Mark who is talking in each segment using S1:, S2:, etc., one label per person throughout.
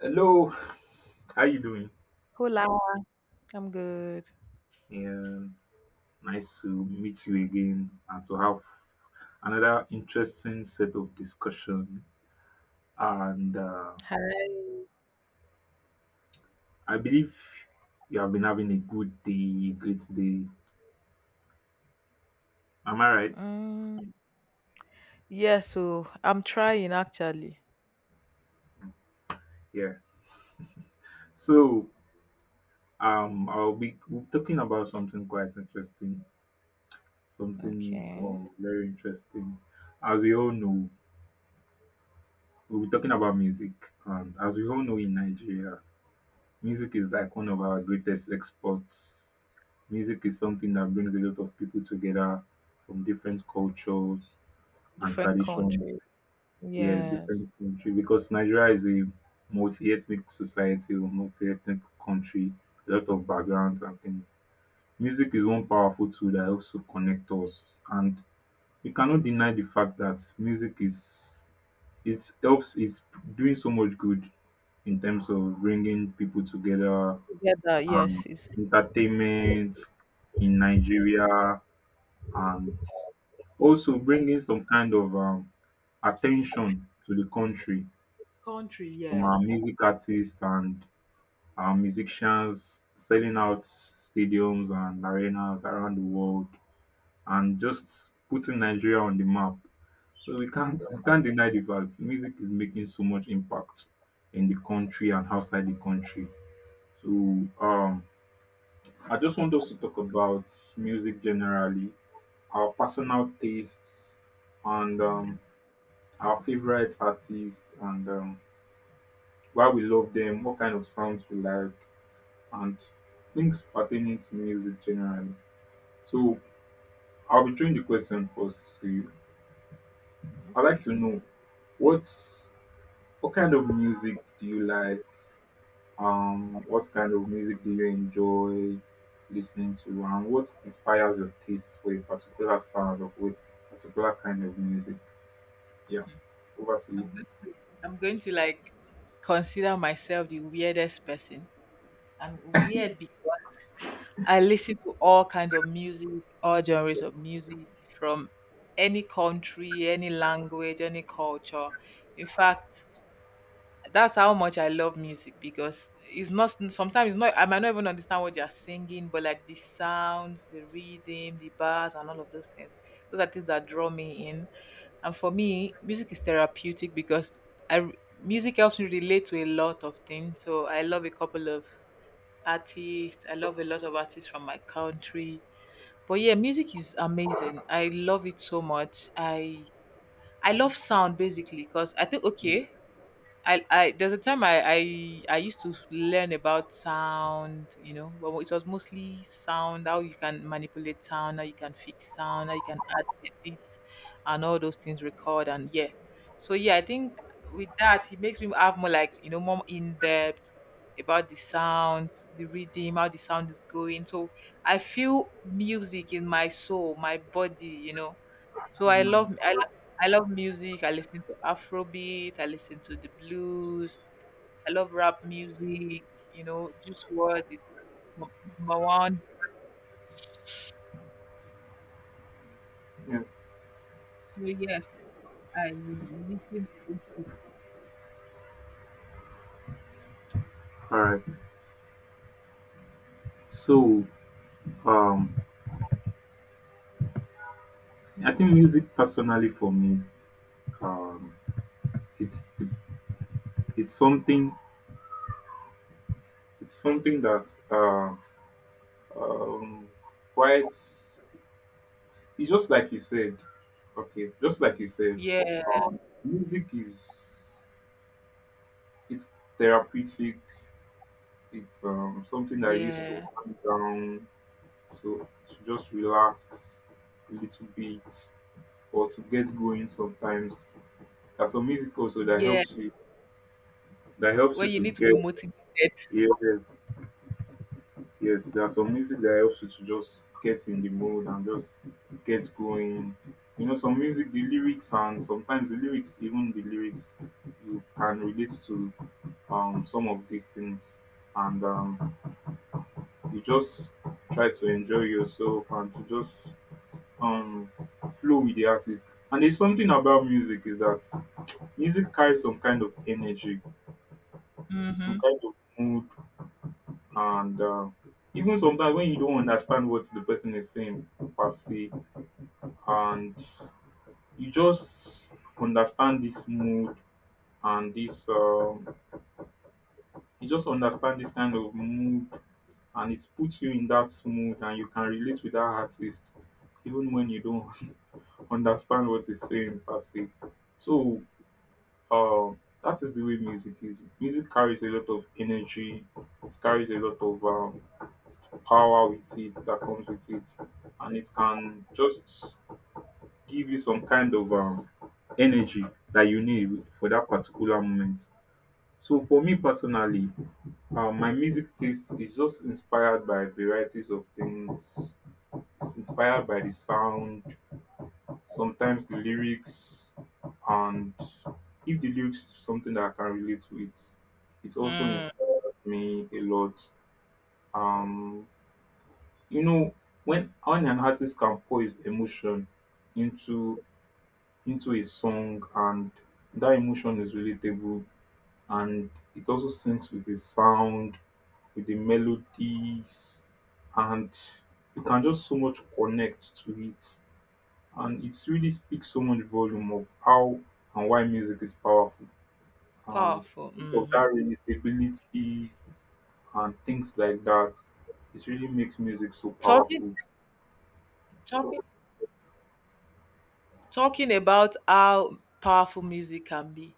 S1: Hello, how you doing?
S2: Hola, I'm good.
S1: Um, Nice to meet you again and to have another interesting set of discussion. And
S2: Hi.
S1: I believe you have been having a good day, great day. Am I right?
S2: Mm, yeah, so I'm trying actually.
S1: Yeah. So I'll be we'll be talking about something quite interesting, something
S2: Okay.
S1: well, very interesting. As we all know, we'll be talking about music, and as we all know in Nigeria. Music is like one of our greatest exports. Music is something that brings a lot of people together from different cultures and
S2: Different
S1: tradition.
S2: country.
S1: Yeah,
S2: Yes.
S1: different country because Nigeria is a multi-ethnic society or multi-ethnic country, a lot of backgrounds and things. Music is one powerful tool that helps to connect us, and we cannot deny the fact that music is it helps is doing so much good in terms of bringing people together,
S2: Together, yes.
S1: um,
S2: It's
S1: entertainment in Nigeria and also bringing some kind of attention to the country
S2: country,
S1: from our
S2: yes.
S1: music artists and our musicians selling out stadiums and arenas around the world and just putting Nigeria on the map. So we can't we can't deny the fact music is making so much impact in the country and outside the country. So um I just want us to talk about music generally, our personal tastes and
S2: I mean,
S1: our favorite artists, and why we love them, what kind of sounds we like, and things pertaining to music generally. So I'll be throwing the question first to you. I'd like to
S2: okay.
S1: know what's what kind of music do you like? What kind of music do you enjoy listening to, and what inspires your taste for a particular sound of a particular kind of music? Yeah, over to
S2: I'm going to I'm going to like consider myself the weirdest person. I'm weird because I listen to all kinds of music, all genres of music from any country, any language, any culture. In fact, that's how much I love music because it's not sometimes it's not I might not even understand what you're singing, but like the sounds, the rhythm, the bars, and all of those things. Those are things that draw me in. And for me, music is therapeutic because I music helps me relate to a lot of things. So I love a couple of artists. I love a lot of artists from my country. But yeah, music is amazing. I love it so much. I love sound basically because I think okay, I there's a time I used to learn about sound, but it was mostly sound, how you can manipulate sound, how you can fix sound, how you can add edit and all those things, record and yeah. So yeah, I think with that it makes me have more like, you know, more in depth about the sounds, the rhythm, how the sound is going. So I feel music in my soul, my body. So
S1: you.
S2: I love music. I listen to Afrobeat. I listen to the blues. I love rap music. You know, Juice WRLD is top number one.
S1: Yeah.
S2: So yes, I listen to those people.
S1: All right. So, um, I think music personally for me, um, it's the, it's something it's something that um, quite it's just like you said. Okay, just like you said,
S2: Yeah,
S1: music is it's therapeutic. It's something that I used to
S2: yeah,
S1: calm down to, just relax a little bit or to get going sometimes. There's some music also that
S2: yeah.
S1: helps you
S2: When you
S1: to
S2: need to be
S1: get,
S2: motivated.
S1: yeah, yes, there's some music that helps you to just get in the mood and just get going. You know, some music, the lyrics, and sometimes the lyrics, even the lyrics, you can relate to, some of these things, and you just try to enjoy yourself and to just um, flow with the artist. And there's something about music is that music carries some kind of energy, some
S2: Mm-hmm.
S1: kind of mood, and even sometimes when you don't understand what the person is saying per se, and you just understand this mood and this you just understand this kind of mood, and it puts you in that mood and you can relate with that artist even when you don't understand what he's saying per se. So uh, that is the way music is. Music carries a lot of energy, it carries a lot of power with it that comes with it, and it can just give you some kind of energy that you need for that particular moment. So for me personally, my music taste is just inspired by varieties of things. It's inspired by the sound, sometimes the lyrics, and if the lyrics is something that I can relate with, it also
S2: Mm,
S1: inspires me a lot. Um, you know when an artist can pour his emotion into into a song, and that emotion is relatable, and it also syncs with the sound, with the melodies, and you can just so much connect to it, and it really speaks so much volume of how and why music is powerful, and
S2: Powerful.
S1: of
S2: Mm-hmm.
S1: that relatability and things like that, it really makes music so
S2: Talking,
S1: powerful.
S2: talking, Talking about how powerful music can be.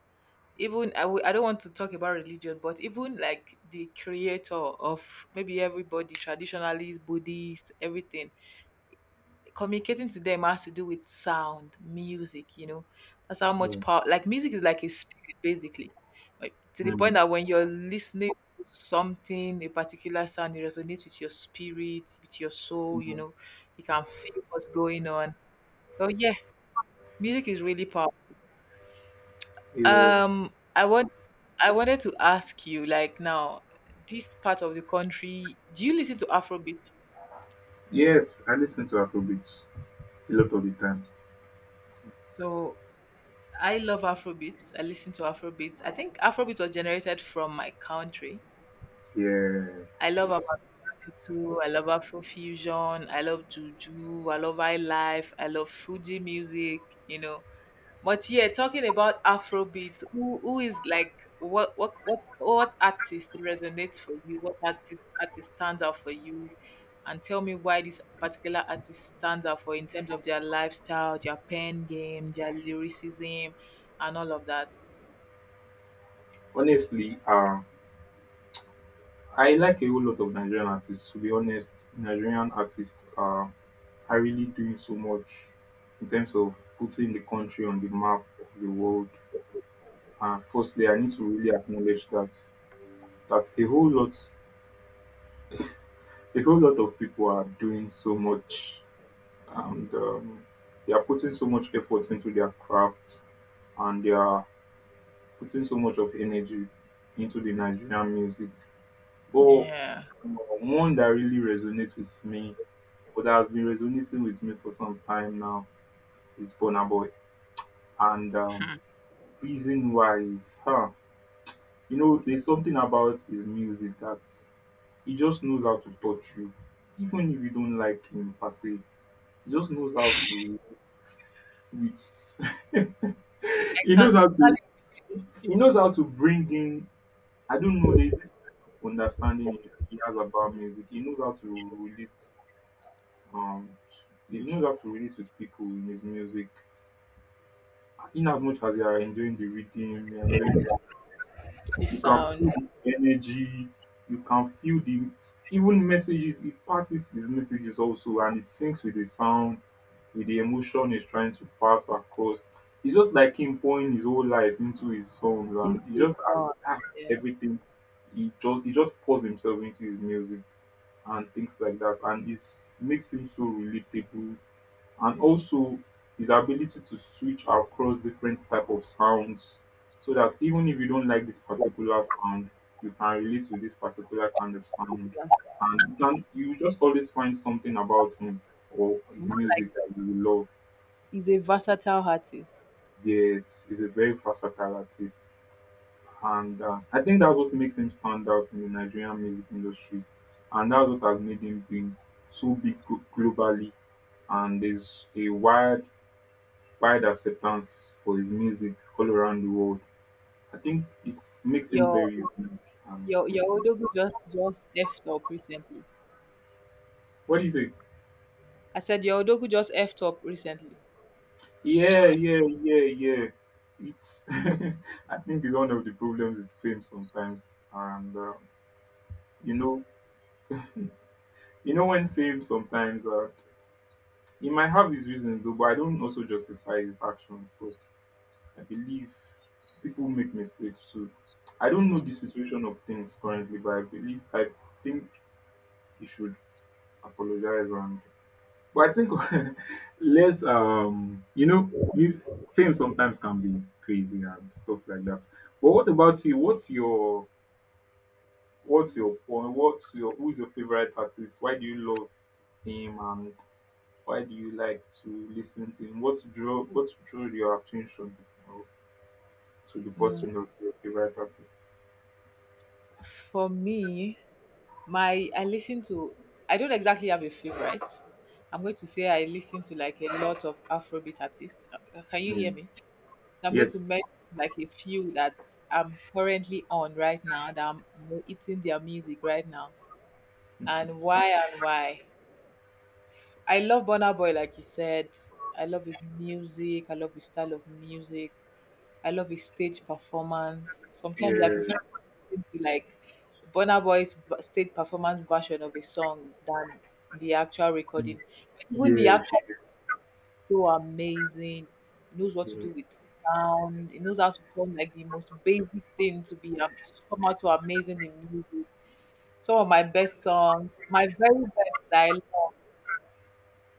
S2: Even I don't want to talk about religion, but even like the creator of maybe everybody, traditionalist, buddhist, everything, communicating to them has to do with sound, music. That's how much
S1: Yeah.
S2: power, like music is like a spirit basically, like, to the point
S1: Mm.
S2: that when you're listening to something, a particular sound, it resonates with your spirit, with your soul you
S1: Mhm.
S2: know You can feel what's going on. So yeah, music is really powerful.
S1: Yeah.
S2: Um, I want I wanted to ask you, like, now, this part of the country, do you listen to Afrobeat?
S1: Yes, I listen to Afrobeats a lot of the times.
S2: So I love Afrobeat. I listen to Afrobeat. I think Afrobeat was generated from my country.
S1: Yeah.
S2: I love Afro
S1: Yes.
S2: too. I love Afrofusion. I love Juju. I love High Life. I love Fuji music. You know, but yeah, talking about Afrobeat, who is like what artist resonates for you? What artist stands out for you? And tell me why this particular artist stands out for, in terms of their lifestyle, their pen game, their lyricism, and all of that.
S1: Honestly, I like a whole lot of Nigerian artists. To be honest, Nigerian artists are really doing so much in terms of putting the country on the map of the world. And firstly, I need to really acknowledge that a whole lot of people are doing so much, and they are putting so much effort into their craft, and they are putting so much of energy into the Nigerian music. But
S2: Yeah.
S1: one that really resonates with me, but that has been resonating with me for some time now, is Burna Boy. And
S2: Hmm.
S1: reason why is, you know, there's something about his music that he just knows how to touch you, even if you don't like him per se. He just knows how to relate with.
S2: I
S1: He knows
S2: can
S1: how to.
S2: totally
S1: He knows how to bring in, I don't know. There's this understanding he has about music. He knows how to relate. Um, he knows how to relate with people in his music. In as much as you are enjoying the rhythm, you are enjoying this,
S2: put the
S1: you can
S2: sound
S1: feel the energy. You can feel the even messages. He passes his messages also, and he syncs with the sound, with the emotion he's trying to pass across. It's just like him pouring his whole life into his songs,
S2: into
S1: and he
S2: his
S1: just has,
S2: sound.
S1: that's
S2: Yeah,
S1: everything. He just pours himself into his music and things like that, and it makes him so relatable. And also his ability to switch across different type of sounds, so that even if you don't like this particular sound, you can relate with this particular kind of sound, and you just always find something about him or his
S2: more like
S1: music that you will love.
S2: he's a versatile artist.
S1: Yes, he's a very versatile artist, and I think that's what makes him stand out in the Nigerian music industry, and that's what has made him being so big globally. And there's a wide, wide acceptance for his music all around the world. I think it makes him
S2: Your
S1: very unique and
S2: your
S1: things like.
S2: Odogu just effed up recently.
S1: What is it?
S2: I said your Odogu just effed up recently.
S1: Yeah, yeah, yeah, yeah. It's. I think it's one of the problems with fame sometimes, and you know, when fame sometimes he might have his reasons though, but I don't also justify his actions. But I believe people make mistakes too. I don't know
S2: Mm.
S1: the situation of things currently, but I think he should apologize, and but I think less you know mus- fame sometimes can be crazy and stuff like that. But what about you? What's your point? What's your Who's your favorite artist? Why do you love him and why do you like to listen to him? What drew your attention, or to the person or to your favorite artist?
S2: For me, my I listen to, I don't exactly have a favorite. I'm going to say I listen to like a lot of Afrobeat artists. Can you
S1: Yeah.
S2: hear me? So I'm going to
S1: Yes.
S2: mention like a few that I'm currently on right now, that I'm, you know, eating their music right now. And why, and why? I love Burna Boy, like you said. I love his music. I love his style of music. I love his stage performance. Sometimes I prefer
S1: Yeah.
S2: listening to like stage performance version of a song than the actual recording. Even the
S1: Yes.
S2: actor is so amazing. He knows what to
S1: Yeah.
S2: do with sound. He knows how to turn like the most basic thing to be come out to amazing in music. Some of my best songs, my very best style.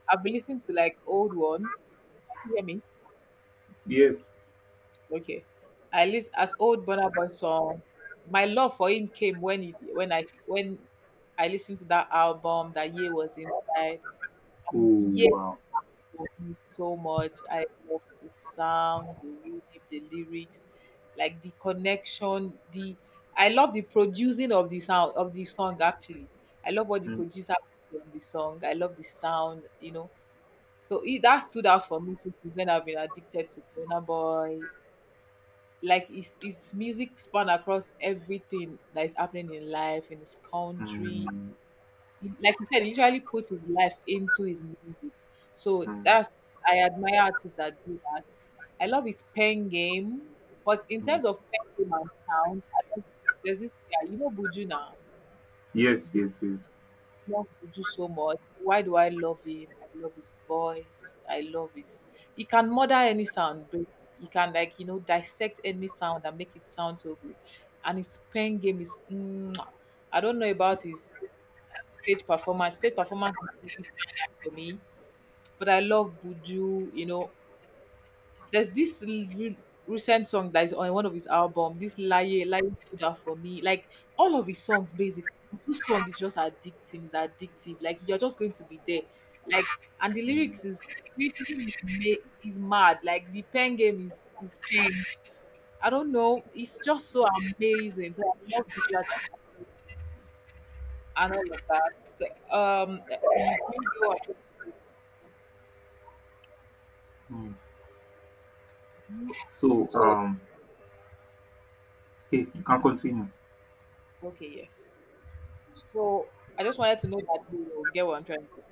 S2: I've been listening to like old ones. Can you hear me?
S1: Yes.
S2: Okay. I list as old Burna Boy song. My love for him came when I listened to that album that Ye was inside. And
S1: Oh
S2: Ye
S1: wow.
S2: loved me so much. I loved the sound, the rhythm, the lyrics, like the connection. The, I love the producing of the sound of the song, actually. I love what the
S1: Mm,
S2: producer did on the song. I love the sound, you know. So it, that stood out for me. So since then, I've been addicted to Burna Boy. Like his music span across everything that is happening in life in his country.
S1: mm,
S2: Like you said, he usually puts his life into his music. So
S1: mm,
S2: that's, I admire artists that do that. I love his pen game, but in
S1: mm.
S2: terms of pen game and sound, I love, there's this guy, you know, Buju. Now
S1: Yes. Yes. Yes.
S2: love Juju so much. Why do I love him? I love his voice. I love his. He can murder any sound, but he can, like, you know, dissect any sound and make it sound so good. And his pen game is, mwah. I don't know about his stage performance. Stage performance is really stand out for me, but I love Buju. You know, there's this recent song that is on one of his album. This Laye, Laye stood out for me. Like all of his songs, basically, this song is just addicting. It's addictive. Like you're just going to be there. Like, and the
S1: Mm,
S2: lyrics is, is mad. Like the pen game is pain. I don't know. It's just so amazing. So I love visuals and artists and all of that. So you get what I.
S1: mm.
S2: Do you,
S1: So
S2: so
S1: okay, you can continue.
S2: okay, yes. So I just wanted to know that you get what I'm trying to.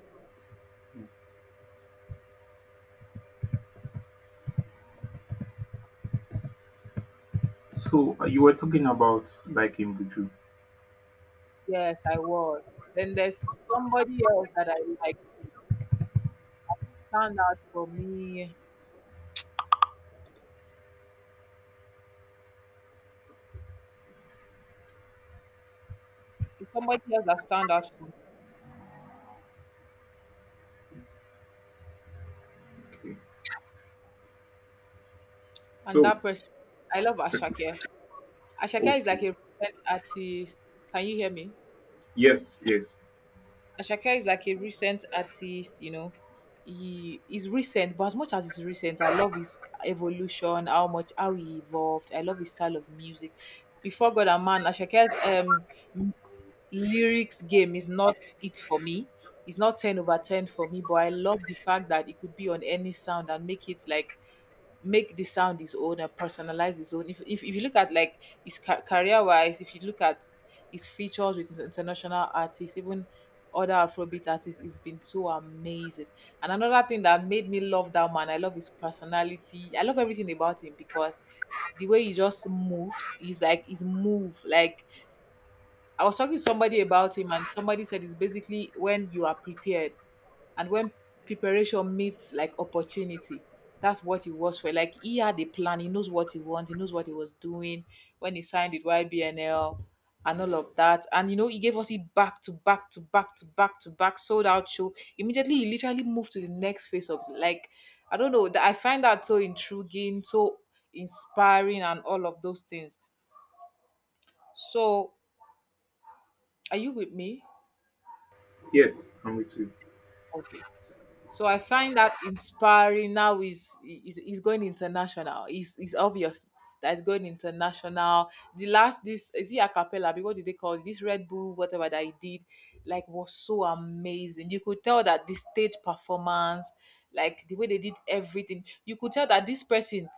S1: So you were talking about like in Buju.
S2: Yes, I was. Then there's somebody else that I like, stand out for me. There's somebody else that stand out for me.
S1: Okay.
S2: And
S1: So
S2: that person, I love Ashake. Ashake is
S1: okay.
S2: like a recent artist. Can you hear me?
S1: Yes. Yes.
S2: Ashake is like a recent artist, you know. He is recent, but as much as he's recent, I love his evolution, how much, how he evolved. I love his style of music. Before God and Man, Ashake's lyrics game is not it for me. It's not 10 over 10 for me, but I love the fact that it could be on any sound and make it like, make the sound his own and personalize his own. If you look at like his career wise, if you look at his features with international artists, even other Afrobeat artists, it's been so amazing. And another thing that made me love that man, I love his personality. I love everything about him because the way he just moves, he's like his move, like, I was talking to somebody about him, and somebody said it's basically when you are prepared and when preparation meets like opportunity. That's what he was for. Like he had a plan. He knows what he wants. He knows what he was doing when he signed with YBNL and all of that. And you know, he gave us it back to back to back to back to back, sold out show. Immediately, he literally moved to the next phase of like, I don't know. That, I find that so intriguing, so inspiring, and all of those things. So, are you with me?
S1: Yes. I'm with you.
S2: Okay. So I find that inspiring. Now is is going international. He's obvious that it's going international. The last, this is he a cappella? What do they call it? This Red Bull? Whatever that he did, like was so amazing. You could tell that the stage performance, like the way they did everything, you could tell that this person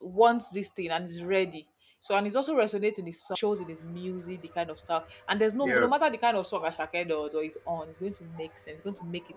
S2: wants this thing and is ready. So and he's also resonating his song, shows in his music, the kind of stuff. And there's no, no
S1: Yeah,
S2: matter the kind of song Ashake does or is on, it's going to make sense. It's going to make it